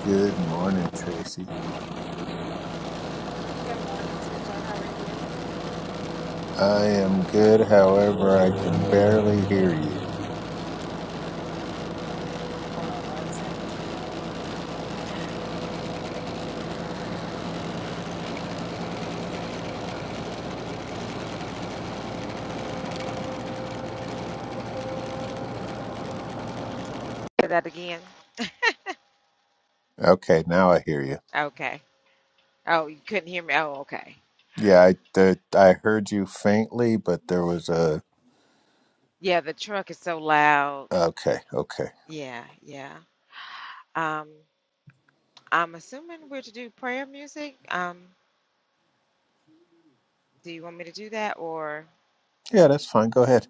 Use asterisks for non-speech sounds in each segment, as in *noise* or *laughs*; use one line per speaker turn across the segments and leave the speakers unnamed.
Good morning, Tracy. I am good, however, I can barely hear you. Okay, now I hear you. Yeah, I the, I heard you faintly, but there was a okay, okay. Yeah, that's fine. Go ahead.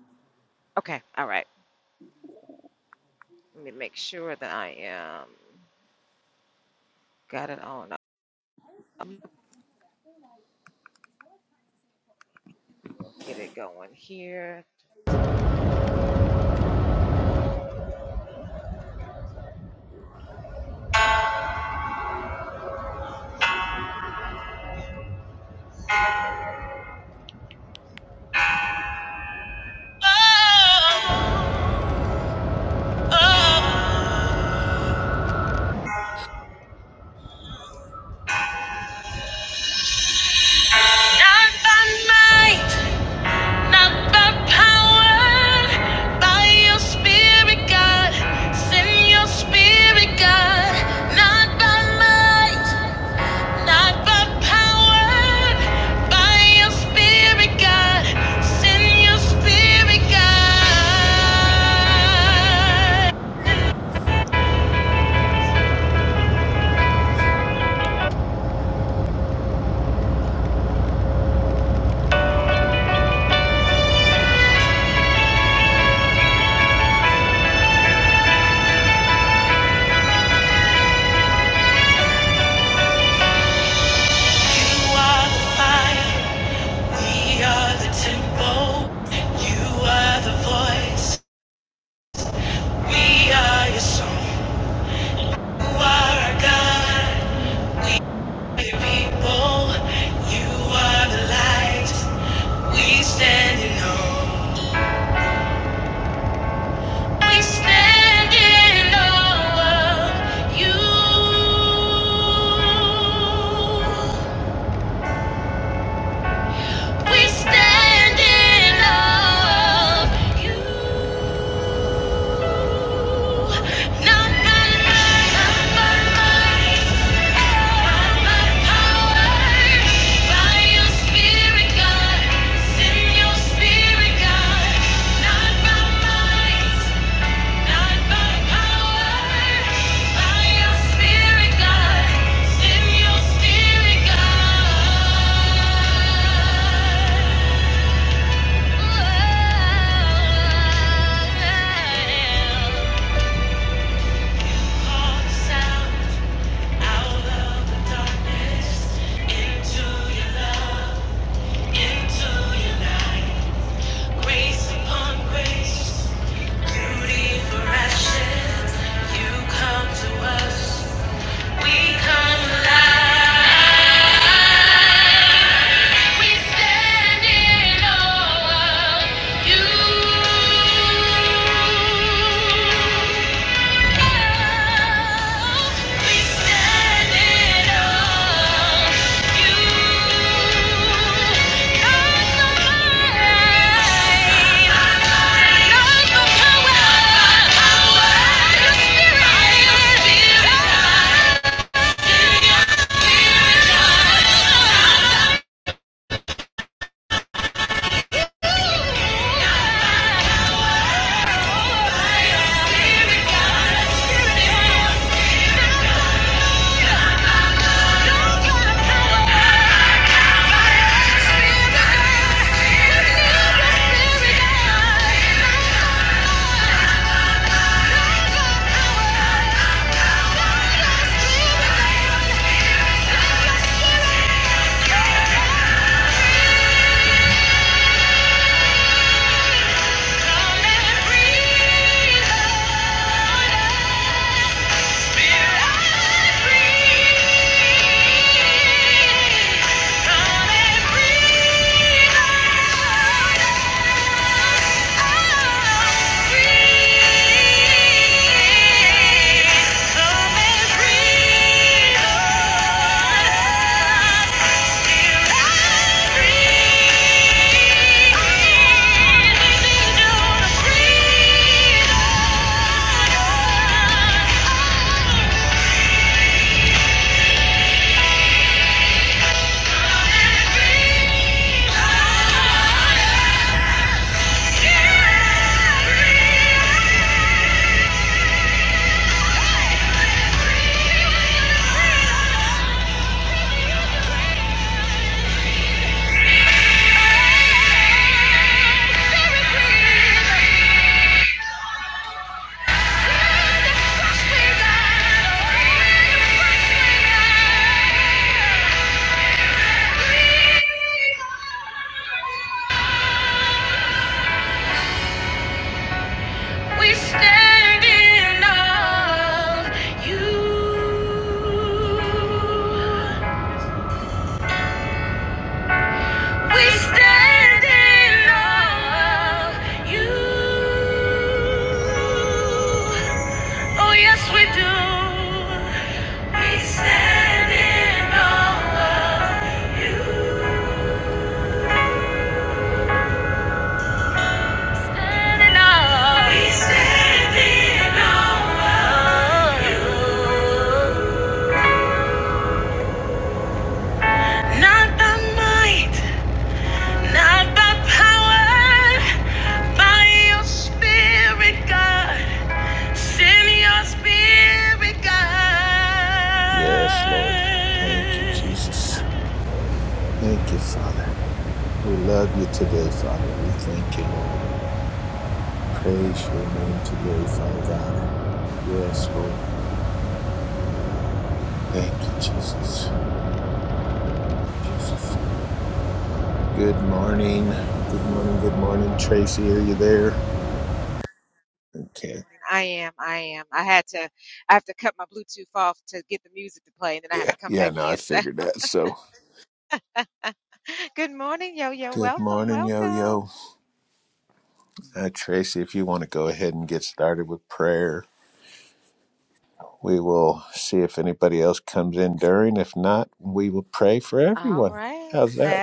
Not by might, not by power, by your spirit, God. Send your spirit, God. Not by might, not by power, by your spirit, God. Send your spirit, God. You are the fire, we are the temple. You are the voice. We are your song. You are our God.
Mm,
We
mm,
are
mm.
your people. You are the light. We stand in awe. We stand in awe of you. We stand in love, you. Not by might, not by might, not by power. By your spirit, God. Send your spirit, God. Not by might. Not by power, by your spirit, God. Send your spirit, God. Whoa. Call sound out of the darkness into your love, into your light. Grace upon grace, beauty for You come to us. We come alive. We stand in awe of you. Yeah. Come and breathe on us. Thank you. Thank you. Yeah. We stand in awe of you. We stand in awe of you. Oh, yes, we do. We stand in awe of you. Standing on. He's standing on. you. Not by might, not by power, by your spirit, God. Send your spirit,
Yes, Lord. Thank you,
God.
Jesus. Thank you, Father. We love you today, Father. We thank you, Lord. Praise your name today, Father God. Yes, Lord. Thank you, Jesus. Jesus. Good morning. Good morning. Good morning. Tracy, are you there? Okay. Yeah. Yeah. No, I figured that. So, good morning, yo yo. Uh, Tracy, if you want to go ahead and get started with prayer, we will see if anybody else comes in during. If not, we will pray for everyone. How's that?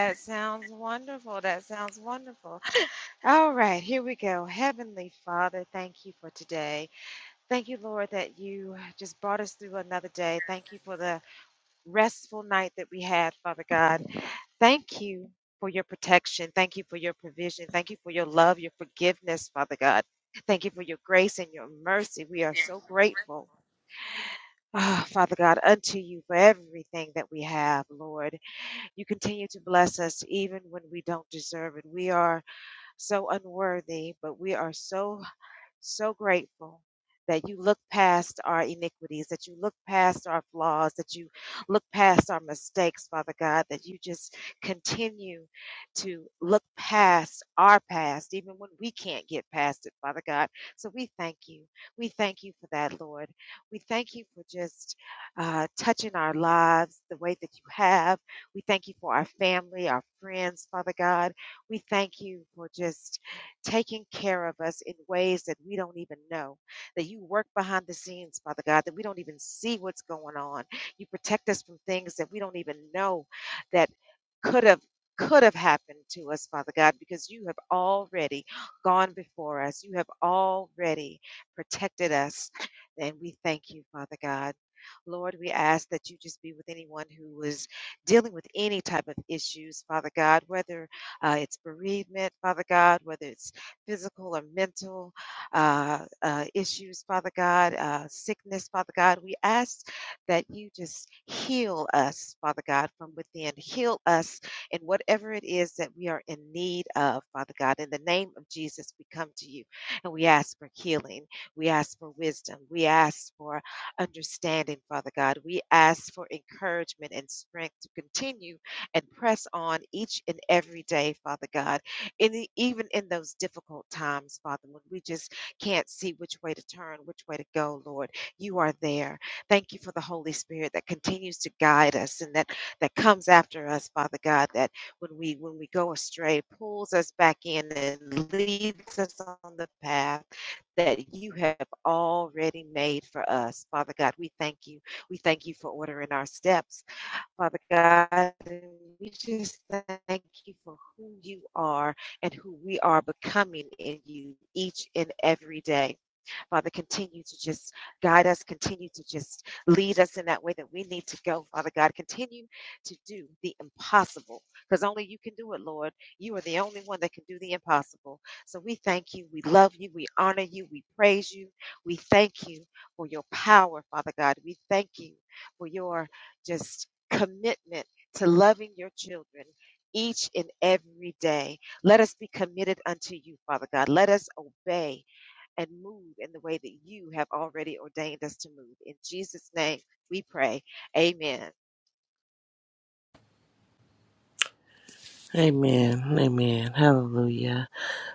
Amen. Amen. Hallelujah.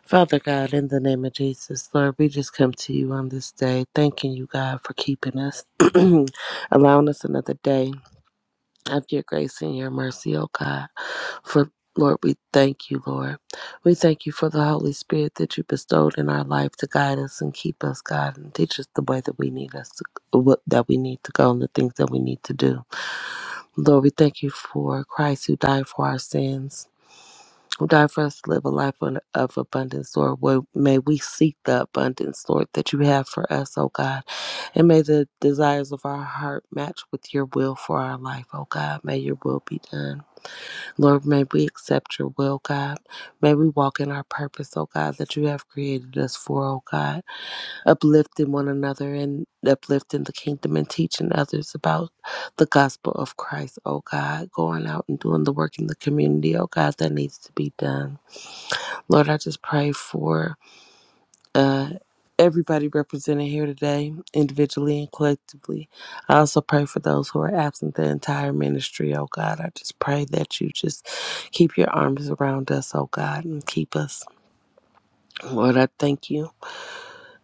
Father God, in the name of Jesus, Lord, we just come to you on this day, thanking you, God, for keeping us, *clears throat* allowing us another day of your grace and your mercy, oh God. For Lord, we thank you, Lord. We thank you for the Holy Spirit that you bestowed in our life to guide us and keep us, God, and teach us the way that we need us to what that we need to go and the things that we need to do. Lord, we thank you for Christ who died for our sins who died for us to live a life un- of abundance, Lord. Well, may we seek the abundance, Lord, that you have for us, oh God. And may the desires of our heart match with your will for our life, oh God. May your will be done. Lord, may we accept your will, God. May we walk in our purpose, oh God, that you have created us for, oh God. Uplifting one another and uplifting the kingdom and teaching others about the gospel of Christ, oh God. Going out and doing the work in the community, oh God, that needs to be done. Lord, I just pray for uh, everybody represented here today, individually and collectively. I also pray for those who are absent the entire ministry, oh God. I just pray that you just keep your arms around us, oh God, and keep us. Lord, I thank you.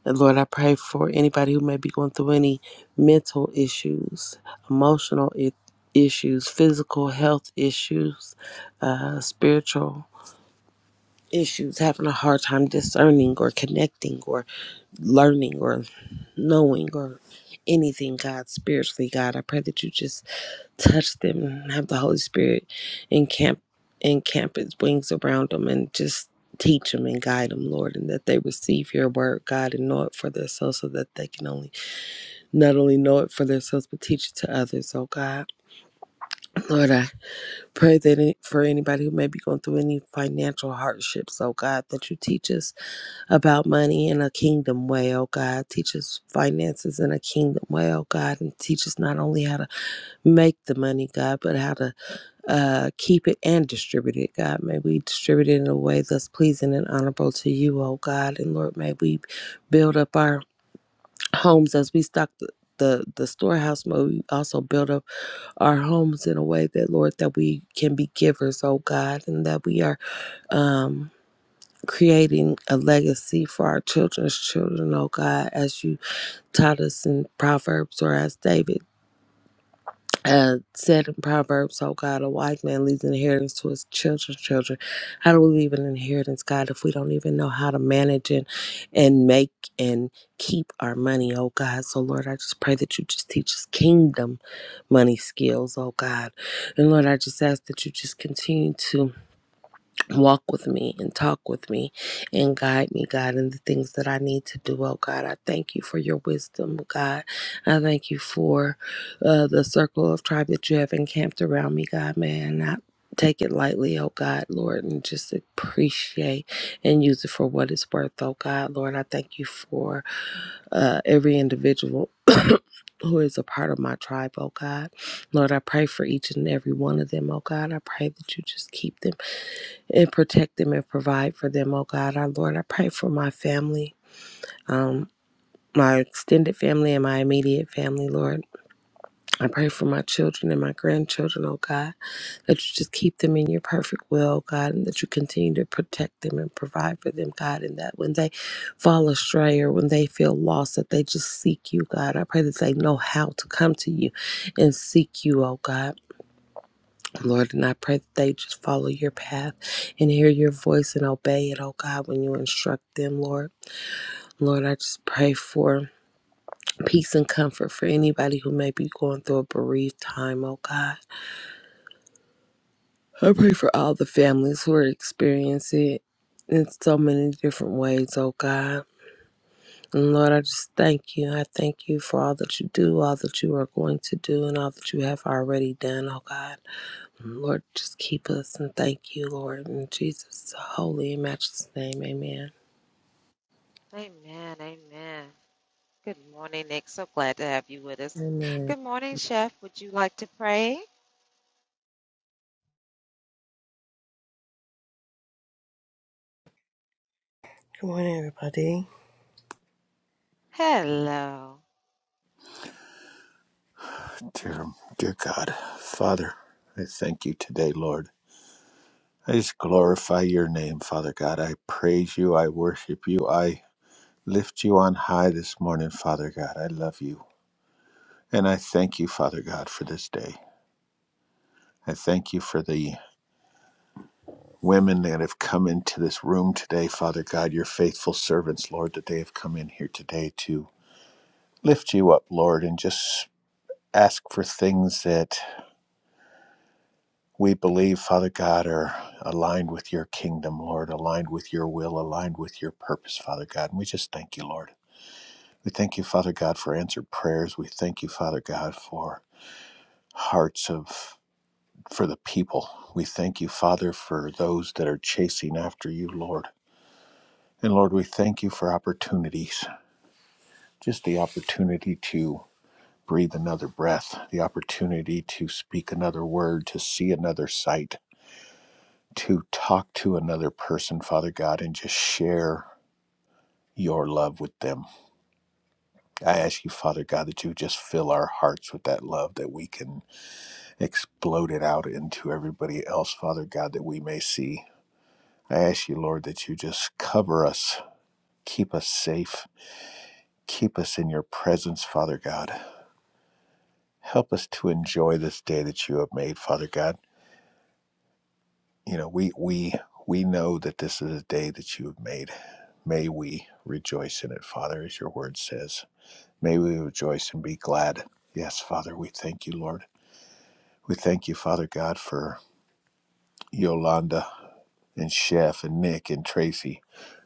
And Lord, I pray for anybody who may be going through any mental issues, emotional i- issues, physical health issues, uh, spiritual issues, having a hard time discerning or connecting or learning or knowing or anything, God, spiritually, God. I pray that you just touch them and have the Holy Spirit encamp encamp its wings around them and just teach them and guide them, Lord, and that they receive your word, God, and know it for themselves so that they can only not only know it for themselves but teach it to others, oh God. Lord, I pray that any- for anybody who may be going through any financial hardships, oh God, that you teach us about money in a kingdom way, oh God. Teach us finances in a kingdom way, oh God. And teach us not only how to make the money, God, but how to uh, keep it and distribute it, God. May we distribute it in a way that's pleasing and honorable to you, oh God. And Lord, may we build up our homes as we stock the the, the storehouse may we also build up our homes in a way that lord that we can be givers oh god and that we are um creating a legacy for our children's children, oh God, as you taught us in Proverbs or as David uh, said in Proverbs, oh God, a wise man leaves an inheritance to his children's children. How do we leave an inheritance, God, if we don't even know how to manage and, and make and keep our money, oh God? So, Lord, I just pray that you just teach us kingdom money skills, oh God. And Lord, I just ask that you just continue to walk with me and talk with me and guide me, God, in the things that I need to do. Oh, God, I thank you for your wisdom, God. I thank you for uh, the circle of tribe that you have encamped around me, God, man. I Take it lightly, oh God, Lord, and just appreciate and use it for what it's worth, oh God, Lord. I thank you for uh, every individual *coughs* who is a part of my tribe, oh God. Lord, I pray for each and every one of them, oh God. I pray that you just keep them and protect them and provide for them, oh God. Our Lord, I pray for my family, um, my extended family and my immediate family, Lord. I pray for my children and my grandchildren, oh God, that you just keep them in your perfect will, oh God, and that you continue to protect them and provide for them, God, and that when they fall astray or when they feel lost, that they just seek you, God. I pray that they know how to come to you and seek you, oh God. Lord, and I pray that they just follow your path and hear your voice and obey it, oh God, when you instruct them, Lord. Lord, I just pray for peace and comfort for anybody who may be going through a bereaved time, oh God. I pray for all the families who are experiencing it in so many different ways, oh God. And Lord, I just thank you. I thank you for all that you do, all that you are going to do, and all that you have already done, oh God. Lord, just keep us and thank you, Lord. In Jesus' holy and matchless name, amen. Amen.
Good morning, everybody.
Dear, dear God, Father, I thank you today, Lord. I just glorify your name, Father God. I praise you. I worship you. I lift you on high this morning, Father God. I love you. And I thank you, Father God, for this day. I thank you for the women that have come into this room today, Father God, your faithful servants, Lord, that they have come in here today to lift you up, Lord, and just ask for things that we believe, Father God, are aligned with your kingdom, Lord, aligned with your will, aligned with your purpose, Father God. And we just thank you, Lord. We thank you, Father God, for answered prayers. We thank you, Father God, for hearts of for the people. We thank you, Father, for those that are chasing after you, Lord. And Lord, we thank you for opportunities, just the opportunity to breathe another breath, the opportunity to speak another word, to see another sight, to talk to another person, Father God, and just share your love with them. I ask you, Father God, that you just fill our hearts with that love that we can explode it out into everybody else, Father God, that we may see. I ask you, Lord, that you just cover us, keep us safe, keep us in your presence, Father God. Help us to enjoy this day that you have made, Father God. You know, we we we know that this is a day that you have made. May we rejoice in it, Father, as your word says. May we rejoice and be glad. Yes, Father, we thank you, Lord. We thank you, Father God, for Yolanda and Chef and Nick and Tracy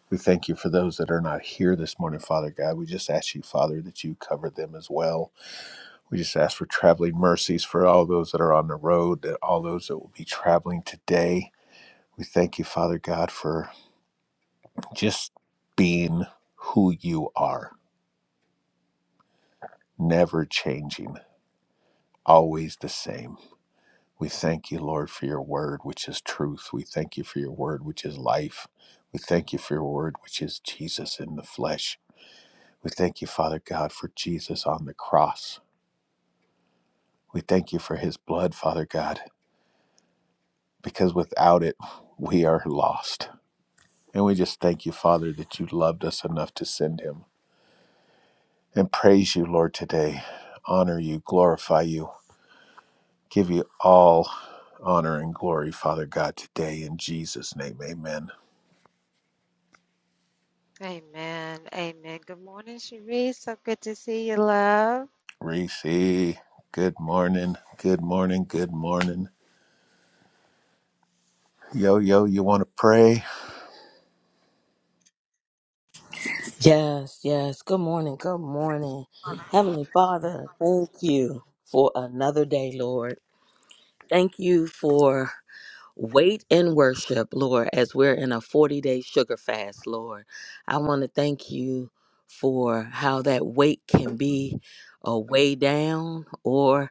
We thank you for those that are not here this morning, Father God. We just ask you, Father, that you cover them as well. We just ask for traveling mercies for all those that are on the road, that all those that will be traveling today. We thank you, Father God, for just being who you are, never changing, always the same. We thank you, Lord, for your word, which is truth. We thank you for your word, which is life. We thank you for your word, which is Jesus in the flesh. We thank you, Father God, for Jesus on the cross We thank you for his blood, Father God, because without it, we are lost. And we just thank you, Father, that you loved us enough to send him. And praise you, Lord, today. Honor you, glorify you, give you all honor and glory, Father God, today. In Jesus' name, amen. Reese, good morning, good morning, good morning. Yo, yo, you want to pray?
Yes, yes. Good morning. Good morning. Heavenly Father, thank you for another day, Lord. Thank you for wait and worship, Lord, as we're in a 40 day sugar fast, Lord. I want to thank you for how that weight can be a way down, or.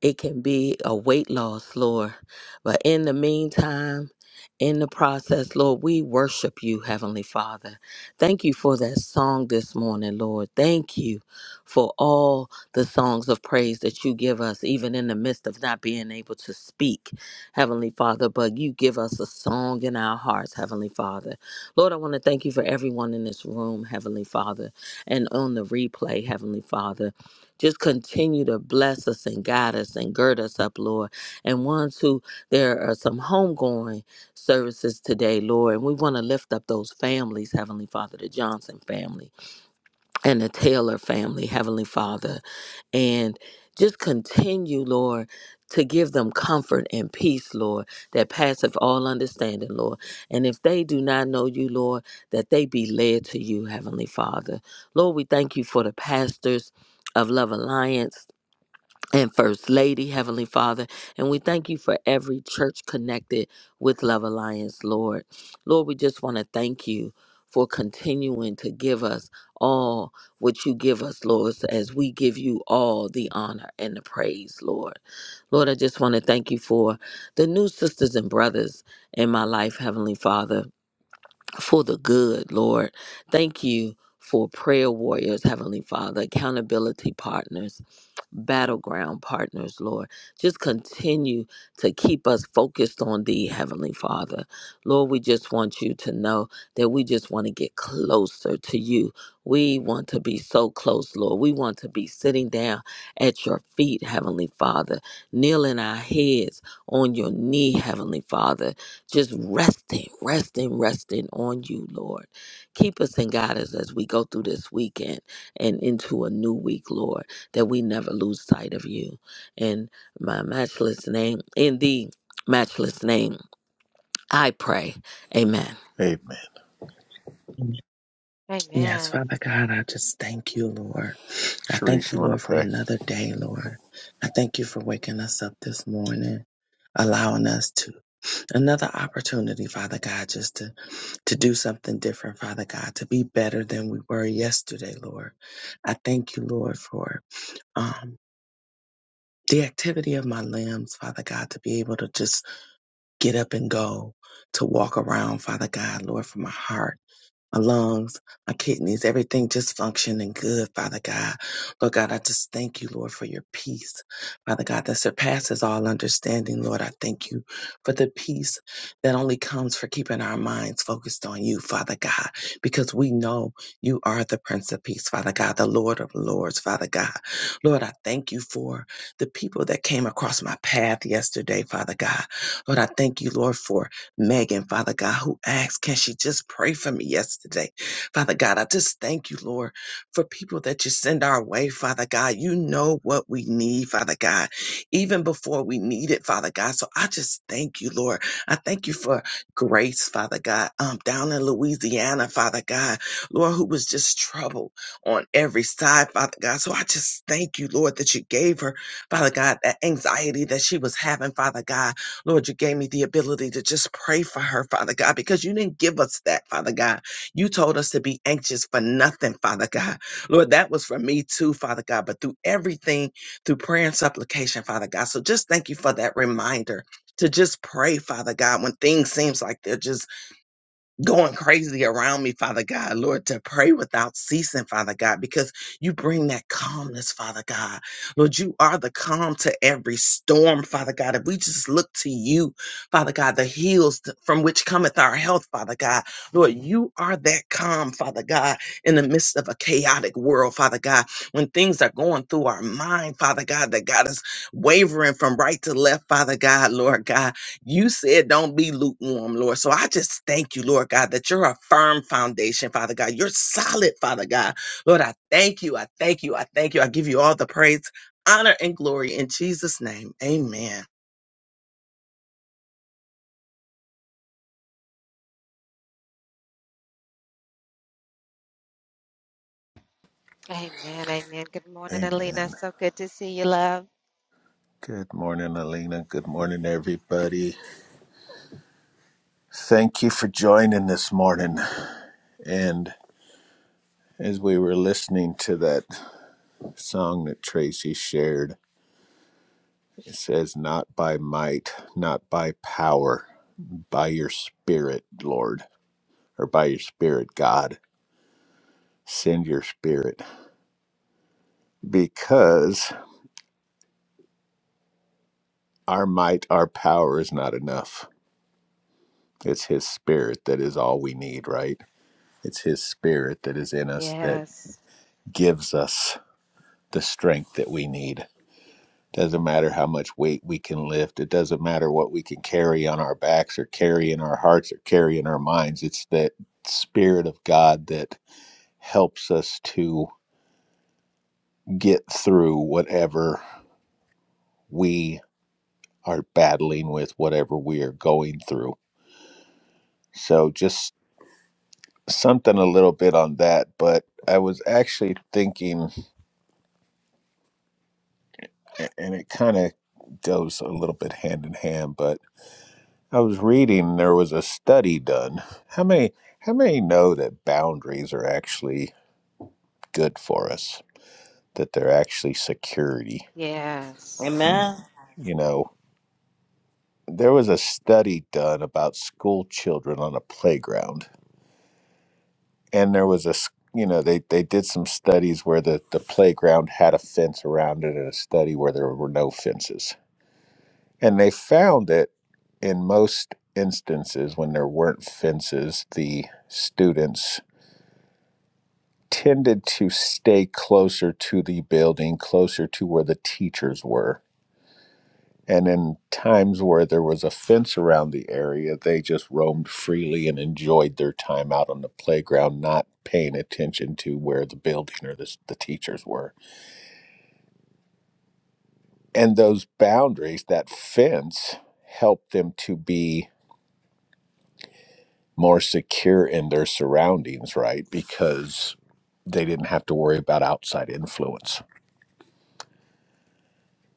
It can be a weight loss, Lord. But in the meantime, in the process, Lord, we worship you, Heavenly Father. Thank you for that song this morning, Lord. Thank you for all the songs of praise that you give us, even in the midst of not being able to speak, Heavenly Father. But you give us a song in our hearts, Heavenly Father. Lord, I want to thank you for everyone in this room, Heavenly Father, and on the replay, Heavenly Father. Just continue to bless us and guide us and gird us up, Lord. And ones who there are some homegoing services today, Lord, and we want to lift up those families, Heavenly Father, the Johnson family and the Taylor family, Heavenly Father, and just continue, Lord, to give them comfort and peace, Lord, that passeth all understanding, Lord. And if they do not know you, Lord, that they be led to you, Heavenly Father. Lord, we thank you for the pastors of Love Alliance and First Lady, Heavenly Father. And we thank you for every church connected with Love Alliance, Lord. Lord, we just want to thank you for continuing to give us all what you give us, Lord, so as we give you all the honor and the praise, Lord. Lord, I just want to thank you for the new sisters and brothers in my life, Heavenly Father for the good, Lord. Thank you for prayer warriors, Heavenly Father, accountability partners, battleground partners, Lord. Just continue to keep us focused on Thee, Heavenly Father. Lord, we just want you to know that we just want to get closer to you. We want to be so close, Lord. We want to be sitting down at your feet, Heavenly Father, kneeling our heads on your knee, Heavenly Father just resting, resting, resting on you, Lord. Keep us and guide us as we go through this weekend and into a new week, Lord, that we never lose sight of you. In my matchless name, in the matchless name, I pray. Amen.
Amen.
Yes, Father God, I just thank you, Lord. I thank
Sharice,
you,
you want to
Lord, for
pray?
another day, Lord. I thank you for waking us up this morning, allowing us to another opportunity, Father God, just to to do something different, Father God, to be better than we were yesterday, Lord. I thank you, Lord, for um, the activity of my limbs, Father God, to be able to just get up and go, to walk around, Father God, Lord, for my heart. my lungs, my kidneys, everything just functioning good, Father God. Lord God, I just thank you, Lord, for your peace, Father God, that surpasses all understanding, Lord. I thank you for the peace that only comes for keeping our minds focused on you, Father God, because we know you are the Prince of Peace, Father God, the Lord of Lords, Father God. Lord, I thank you for the people that came across my path yesterday, Father God. Lord, I thank you, Lord, for Megan, Father God, who asked, Can she just pray for me yesterday? Father God, I just thank you, Lord, for people that you send our way, Father God. You know what we need, Father God, even before we need it, Father God. So I just thank you, Lord. I thank you for grace, Father God, um, down in Louisiana, Father God, Lord, who was just troubled on every side, Father God. So I just thank you, Lord, that you gave her, Father God, that anxiety that she was having, Father God. Lord, you gave me the ability to just pray for her, Father God, because you didn't give us that, Father God. You told us to be anxious for nothing, Father God. Lord, that was for me too, Father God, but through everything, through prayer and supplication, Father God. So just thank you for that reminder to just pray, Father God, when things seems like they're just going crazy around me, Father God, Lord, to pray without ceasing, Father God, because you bring that calmness, Father God. Lord, you are the calm to every storm, Father God. If we just look to you, Father God, the heels th- from which cometh our health, Father God. Lord, you are that calm, Father God, in the midst of a chaotic world, Father God, when things are going through our mind, Father God, that got us wavering from right to left, Father God, Lord God you said don't be lukewarm, Lord. So I just thank you, Lord God, that you're a firm foundation, Father God. You're solid, Father God. Lord, I thank you. I thank you. I thank you. I give you all the praise, honor, and glory in Jesus' name. Amen.
Amen. Good morning, Alina. Good morning, everybody. Thank you for joining this morning. And as we were listening to that song that Tracy shared, it says, Not by might, not by power, by your spirit, Lord, or by your spirit, God. Send your spirit because our might, our power is not enough. It's His spirit that is all we need, right? It's His spirit that is in us that gives us the strength that we need Doesn't matter how much weight we can lift. It doesn't matter what we can carry on our backs or carry in our hearts or carry in our minds. It's that Spirit of God that helps us to get through whatever we are battling with, whatever we are going through. So, just something a little bit on that. But I was actually thinking, and it kind of goes a little bit hand in hand, but I was reading there was a study done. How many how many know that boundaries are actually good for us? That they're actually security. Hmm.
Amen.
You know, there was a study done about school children on a playground. And there was a s- you know, they, they did some studies where the, the playground had a fence around it and a study where there were no fences. And they found that in most instances when there weren't fences, the students tended to stay closer to the building, closer to where the teachers were. And in times where there was a fence around the area, they just roamed freely and enjoyed their time out on the playground, not paying attention to where the building or the, the teachers were. And those boundaries, that fence, helped them to be more secure in their surroundings, right? Because they didn't have to worry about outside influence.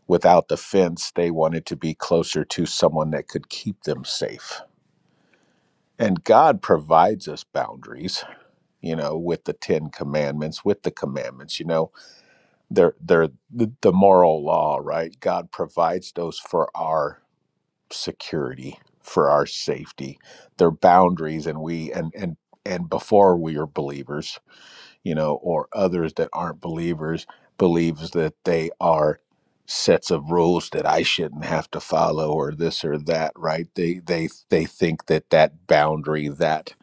without the fence, they wanted to be closer to someone that could keep them safe. And God provides us boundaries, you know, with the Ten Commandments, with the commandments, you know, they're they're the, the moral law, right? God provides those for our security, for our safety. They're boundaries and we and and and before we are believers, you know, or others that aren't believers believes that they are sets of rules that I shouldn't have to follow or this or that, right? They they they think that that boundary that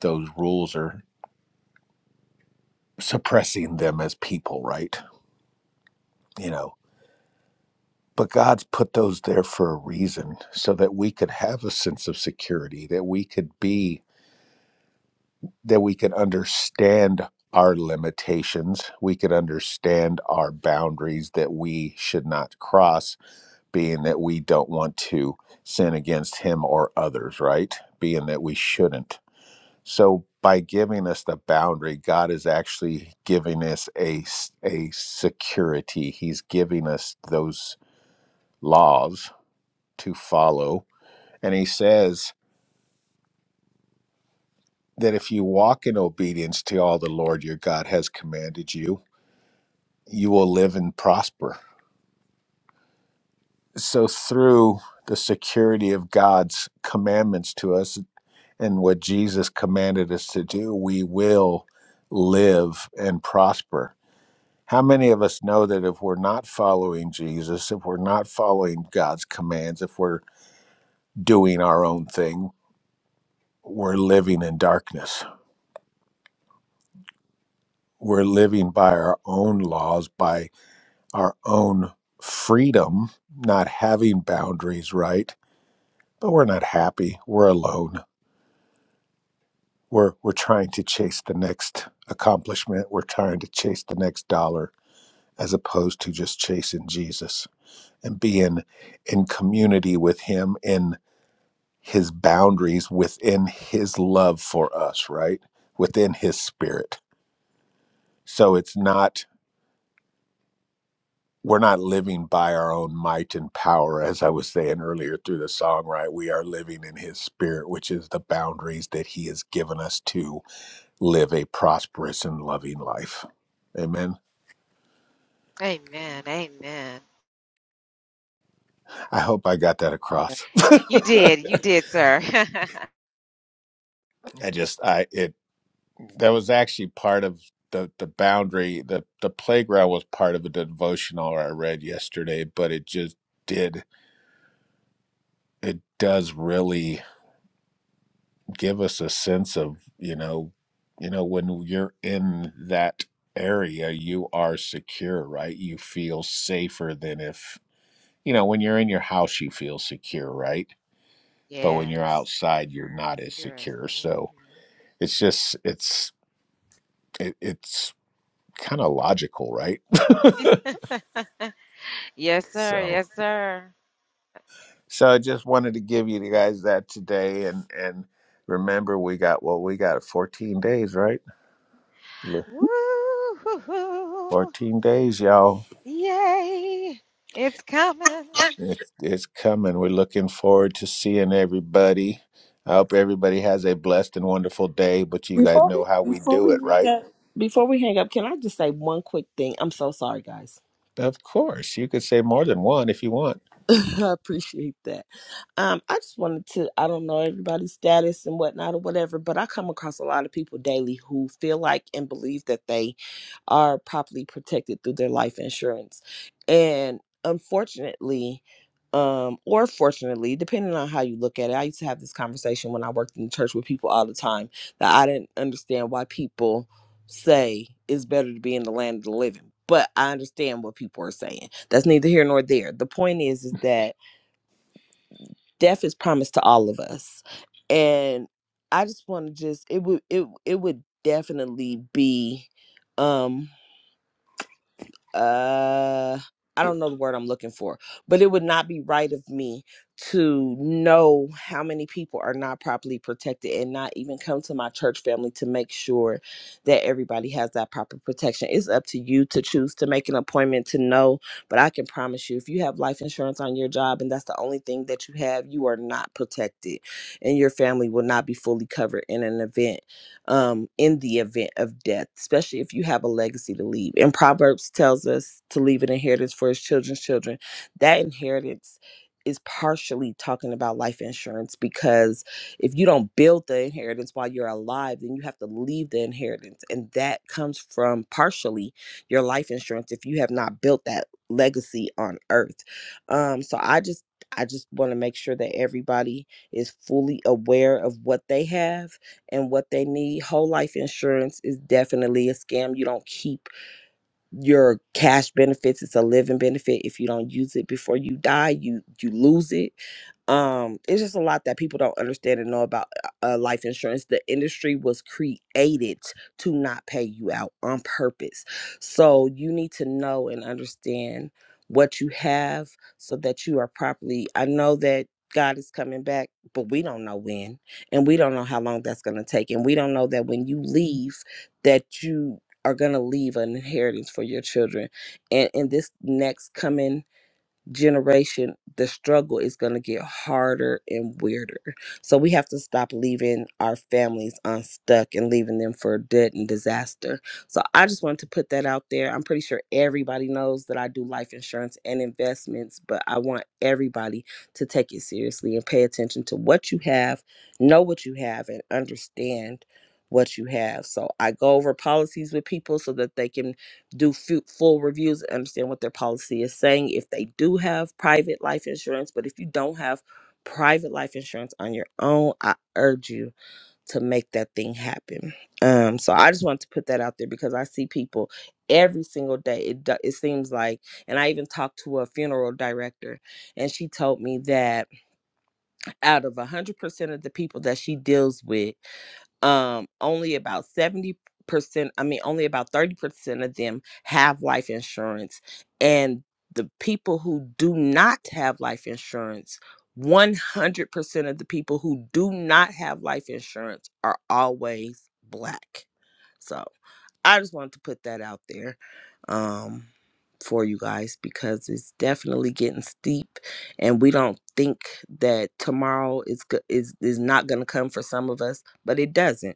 those rules are suppressing them as people, right? You know, but God's put those there for a reason so that we could have a sense of security, that we could be that we could understand our limitations, we could understand our boundaries that we should not cross being that we don't want to sin against him or others, right? Being that we shouldn't. So by giving us the boundary, God is actually giving us a a security. He's giving us those laws to follow. And he says that if you walk in obedience to all the Lord your God has commanded you, you will live and prosper. So through the security of God's commandments to us, and what Jesus commanded us to do, we will live and prosper. How many of us know that if we're not following Jesus, if we're not following God's commands, if we're doing our own thing, we're living in darkness? We're living by our own laws, by our own freedom, not having boundaries, right? But we're not happy. We're alone. We're, we're trying to chase the next accomplishment. We're trying to chase the next dollar as opposed to just chasing Jesus and being in community with him in his boundaries within his love for us, right? Within his spirit. So it's not we're not living by our own might and power as I was saying earlier through the song, right? We are living in his spirit, which is the boundaries that he has given us to live a prosperous and loving life. Amen. I hope I got that across. *laughs* I just I it that was actually part of the the boundary the the playground was part of a devotional i read yesterday but it just did it does really give us a sense of you know you know when you're in that area you are secure right you feel safer than if you know when you're in your house you feel secure right but when you're outside you're not as secure so it's just it's it, it's kind of logical right so So I just wanted to give you guys that today, and and remember we got well, we got 14 days, right? Amen. 14 days, y'all. It's it's coming. We're looking forward to seeing everybody. I hope everybody has a blessed and wonderful day. But you guys
Before
know
we
how we
before
do
we
it,
hang
right?
up before we hang up, can I just say one quick thing? I'm so sorry, guys.
Of course, you could say more than one if you want.
*laughs* I appreciate that. Um, I just wanted to, I don't know everybody's status and whatnot or whatever, but I come across a lot of people daily who feel like and believe that they are properly protected through their life insurance. And unfortunately, um, or fortunately, depending on how you look at it, I used to have this conversation when I worked in church with people all the time that I didn't understand why people say it's better to be in the land of the living but I understand what people are saying. That's neither here nor there. The point is, is that death is promised to all of us, and I just want to just it would it it would definitely be. um uh I don't know the word I'm looking for, but it would not be right of me to know how many people are not properly protected and not even come to my church family to make sure that everybody has that proper protection. It's up to you to choose to make an appointment to know, but I can promise you if you have life insurance on your job and that's the only thing that you have, you are not protected and your family will not be fully covered in an event um, in the event of death, especially if you have a legacy to leave. And Proverbs tells us to leave an inheritance for his children's children. That inheritance is partially talking about life insurance because if you don't build the inheritance while you're alive, then you have to leave the inheritance. And that comes from partially your life insurance if you have not built that legacy on earth. Um, so I just I just want to make sure that everybody is fully aware of what they have and what they need. Whole life insurance is definitely a scam. You don't keep your cash benefits it's a living benefit if you don't use it before you die you you lose it um it's just a lot that people don't understand and know about uh, life insurance the industry was created to not pay you out on purpose so you need to know and understand what you have so that you are properly i know that god is coming back but we don't know when and we don't know how long that's going to take and we don't know that when you leave that you are going to leave an inheritance for your children and in this next coming generation, the struggle is going to get harder and weirder. So we have to stop leaving our families unstuck and leaving them for dead and disaster. So I just wanted to put that out there. I'm pretty sure everybody knows that I do life insurance and investments, but I want everybody to take it seriously and pay attention to what you have, know what you have, and understand what you have. So I go over policies with people so that they can do fu- full reviews and understand what their policy is saying if they do have private life insurance. But if you don't have private life insurance on your own, I urge you to make that thing happen. Um, so I just wanted to put that out there because I see people every single day. It do- it seems like, and I even talked to a funeral director, and she told me that out of one hundred percent of the people that she deals with um only about 70% i mean only about 30% of them have life insurance and the people who do not have life insurance 100% of the people who do not have life insurance are always black So. I just wanted to put that out there um, for you guys because it's definitely getting steep, and we don't think that tomorrow is go- is is not going to come for some of us, but it doesn't,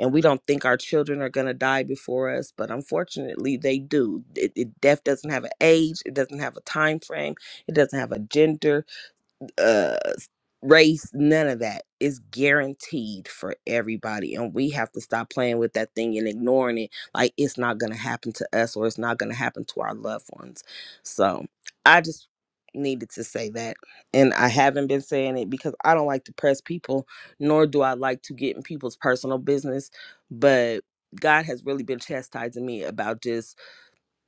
and we don't think our children are going to die before us, but unfortunately they do. It, it, death doesn't have an age, it doesn't have a time frame, it doesn't have a gender, uh race, none of that. It's guaranteed for everybody. And we have to stop playing with that thing and ignoring it. Like it's not gonna happen to us or it's not gonna happen to our loved ones. So I just needed to say that. And I haven't been saying it because I don't like to press people, nor do I like to get in people's personal business. But God has really been chastising me about just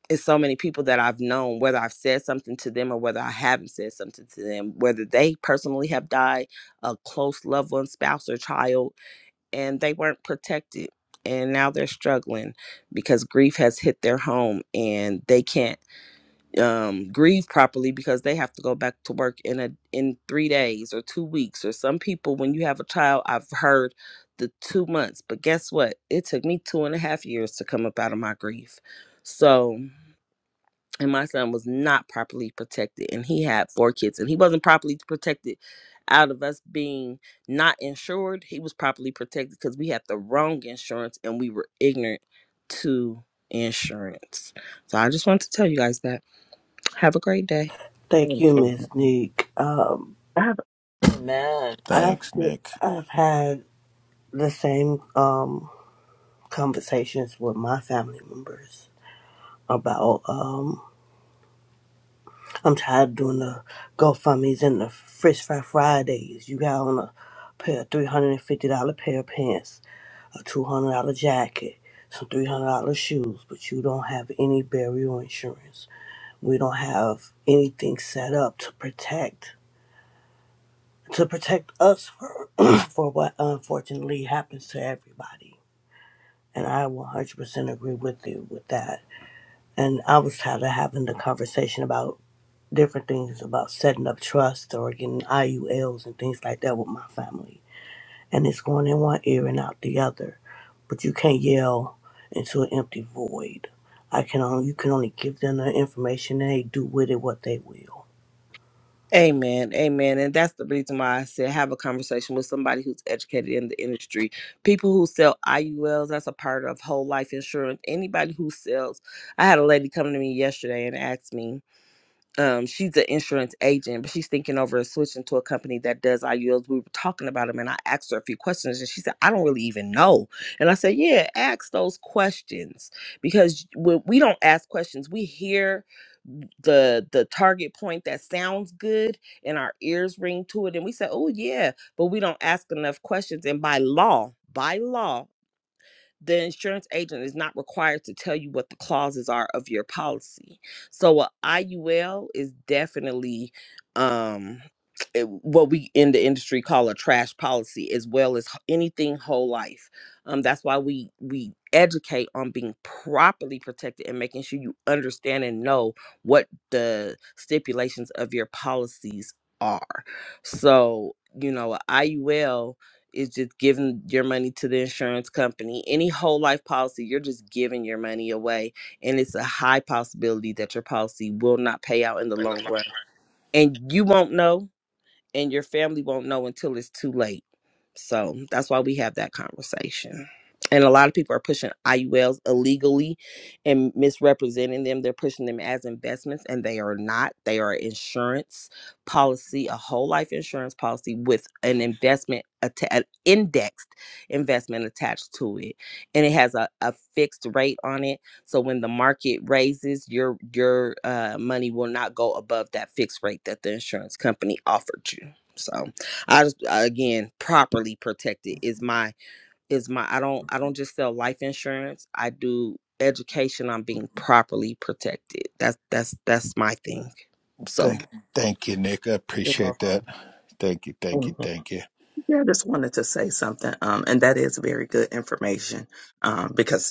it's so many people that I've known, whether I've said something to them or whether I haven't said something to them, whether they personally have died, a close loved one, spouse, or child, and they weren't protected. And now they're struggling because grief has hit their home and they can't um, grieve properly because they have to go back to work in a in three days or two weeks or some people when you have a child I've heard the two months but guess what it took me two and a half years to come up out of my grief so and my son was not properly protected and he had four kids and he wasn't properly protected out of us being not insured he was properly protected because we had the wrong insurance and we were ignorant to insurance so i just wanted to tell you guys that have a great day
Thank you, Miss
Mhm.
Neek. Um,
Father,
Amen.
I've
Thanks, Nick.
I've had the same um conversations with my family members about um I'm tired of doing the GoFundmes and the Fresh Fry Fridays. You got on a pair of three hundred and fifty dollar pair of pants, a two hundred dollar jacket, some three hundred dollar shoes, but you don't have any burial insurance. We don't have anything set up to protect to protect us for, *clears throat* for what unfortunately happens to everybody. And I 100% agree with you with that. And I was tired of having the conversation about different things about setting up trusts or getting IULs and things like that with my family. And it's going in one ear and out the other. But you can't yell into an empty void. I can only, you can only give them the information and they do with it what they will.
Amen. Amen. And that's the reason why I said have a conversation with somebody who's educated in the industry. People who sell IULs, that's a part of whole life insurance. Anybody who sells, I had a lady come to me yesterday and asked me, um, she's an insurance agent, but she's thinking over switching to a company that does IULs. We were talking about them, and I asked her a few questions, and she said, "I don't really even know." And I said, "Yeah, ask those questions because when we don't ask questions, we hear the the target point that sounds good, and our ears ring to it, and we say, 'Oh yeah," but we don't ask enough questions. And by law, by law the insurance agent is not required to tell you what the clauses are of your policy. So a IUL is definitely um it- what we in the industry call a trash policy as well as h- anything whole life. Um that's why we we educate on being properly protected and making sure you understand and know what the stipulations of your policies are. So, you know, a IUL is just giving your money to the insurance company. Any whole life policy, you're just giving your money away. And it's a high possibility that your policy will not pay out in the long run. And you won't know and your family won't know until it's too late. So that's why we have that conversation. And a lot of people are pushing IULs illegally and misrepresenting them. They're pushing them as investments, and they are not. They are insurance policy, a whole life insurance policy with an investment, atta- an indexed investment attached to it. And it has a, a fixed rate on it so when the market raises, your your uh, money will not go above that fixed rate that the insurance company offered you. So I just uh, again properly protected is my is my I don't I don't just sell life insurance. I do education on being properly protected. That's that's that's my thing. So
Thank, thank you, Nick. I
you're
appreciate
welcome.
that. Thank you, thank you,
Mhm.
thank you.
Yeah, I just wanted to say something, um, and that is very good information, um, because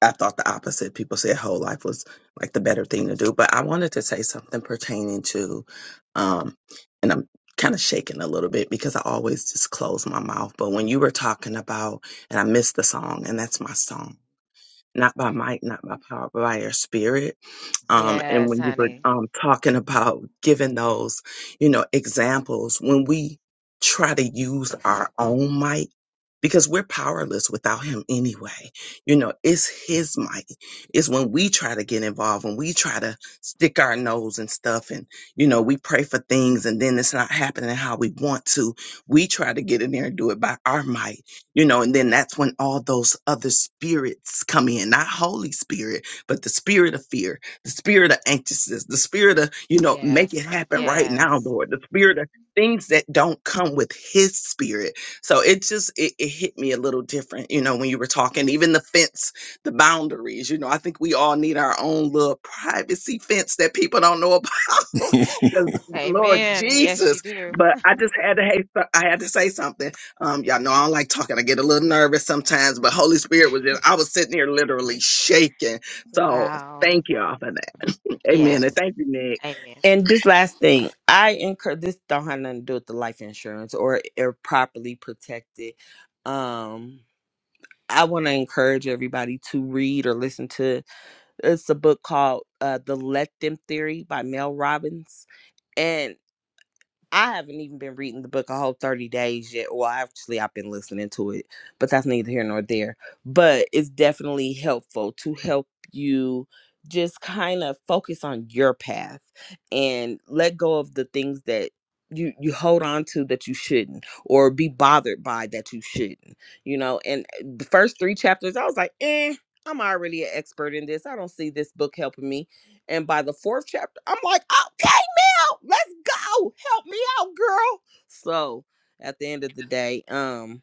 I thought the opposite. People said whole life was like the better thing to do. But I wanted to say something pertaining to, um, and I'm kind of shaking a little bit because I always just close my mouth. But when you were talking about, and I missed the song, and that's my song not by might, not by power, but by your spirit. Um, and when you were um, talking about giving those, you know, examples, when we try to use our own might, because we're powerless without him anyway. You know, it's his might. It's when we try to get involved, when we try to stick our nose and stuff, and, you know, we pray for things and then it's not happening how we want to. We try to get in there and do it by our might you know, and then that's when all those other spirits come in, not Holy Spirit, but the spirit of fear, the spirit of anxiousness, the spirit of, you know, make it happen right now, Lord, the spirit of things that don't come with his spirit. So it just, it, it hit me a little different, you know, when you were talking, even the fence, the boundaries, you know, I think we all need our own little privacy fence that people don't know about. *laughs*
*laughs*
'Cause Lord Jesus, but I just had to, hey, so, I had to say something um, y'all know I don't like talking. I get a little nervous sometimes, but Holy Spirit was just, I was sitting here literally shaking. So thank y'all for that. Amen. And thank you, Nick.
And this last thing, I incur this don't have nothing to do with the life insurance or or properly protected. Um I want to encourage everybody to read or listen to. It's a book called uh, "The Let Them Theory" by Mel Robbins, and. I haven't even been reading the book a whole 30 days yet. Well, actually, I've been listening to it, but that's neither here nor there. But it's definitely helpful to help you just kind of focus on your path and let go of the things that you you hold on to that you shouldn't or be bothered by that you shouldn't you know and uh, the first three chapters i was like eh i'm already an expert in this i don't see this book helping me and by the fourth chapter i'm like okay out. Let's go. Help me out, girl. So at the end of the day, um,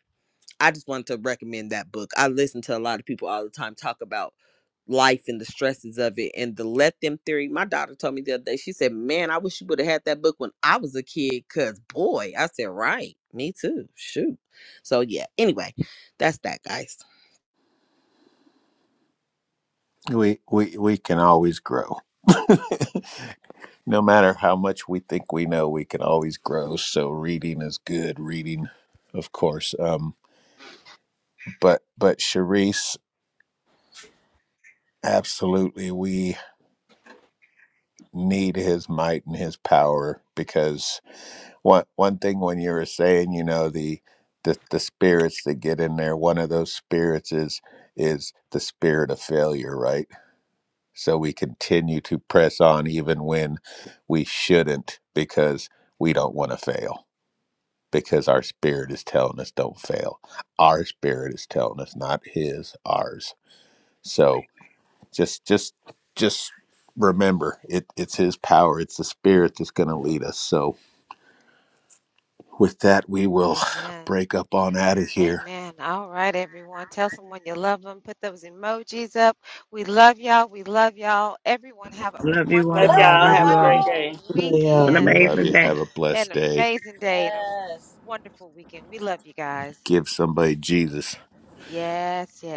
I just wanted to recommend that book. I listen to a lot of people all the time talk about life and the stresses of it and the let them theory. My daughter told me the other day, she said, Man, I wish you would have had that book when I was a kid, cause boy, I said, Right, me too. Shoot. So yeah, anyway, that's that guys.
we we we can always grow. *laughs* No matter how much we think we know, we can always grow. So reading is good. Reading, of course. Um, but but Charisse, absolutely, we need his might and his power because one one thing when you were saying, you know, the the the spirits that get in there, one of those spirits is is the spirit of failure, right? So we continue to press on even when we shouldn't because we don't want to fail. because our spirit is telling us don't fail. Our spirit is telling us not his, ours. So just just just remember it it's his power, it's the spirit that's gonna lead us. So with that we will *sighs* break up on out of here.
Love you
Love
Love
all.
y'all.
Love
Have a
you all.
great
y'all.
day.
Have an
Yeah.
Love
amazing
you.
day.
Have a blessed day.
Yes.
Give somebody Jesus.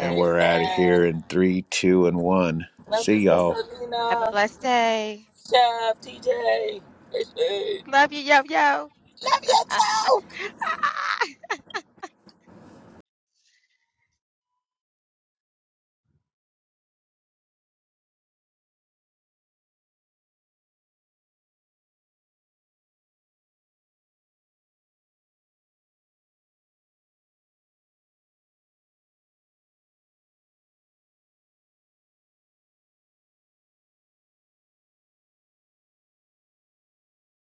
And we're out of here in three, two, and one.
Love you,
See y'all.
Sister Dina, Chef, TJ. Love you too.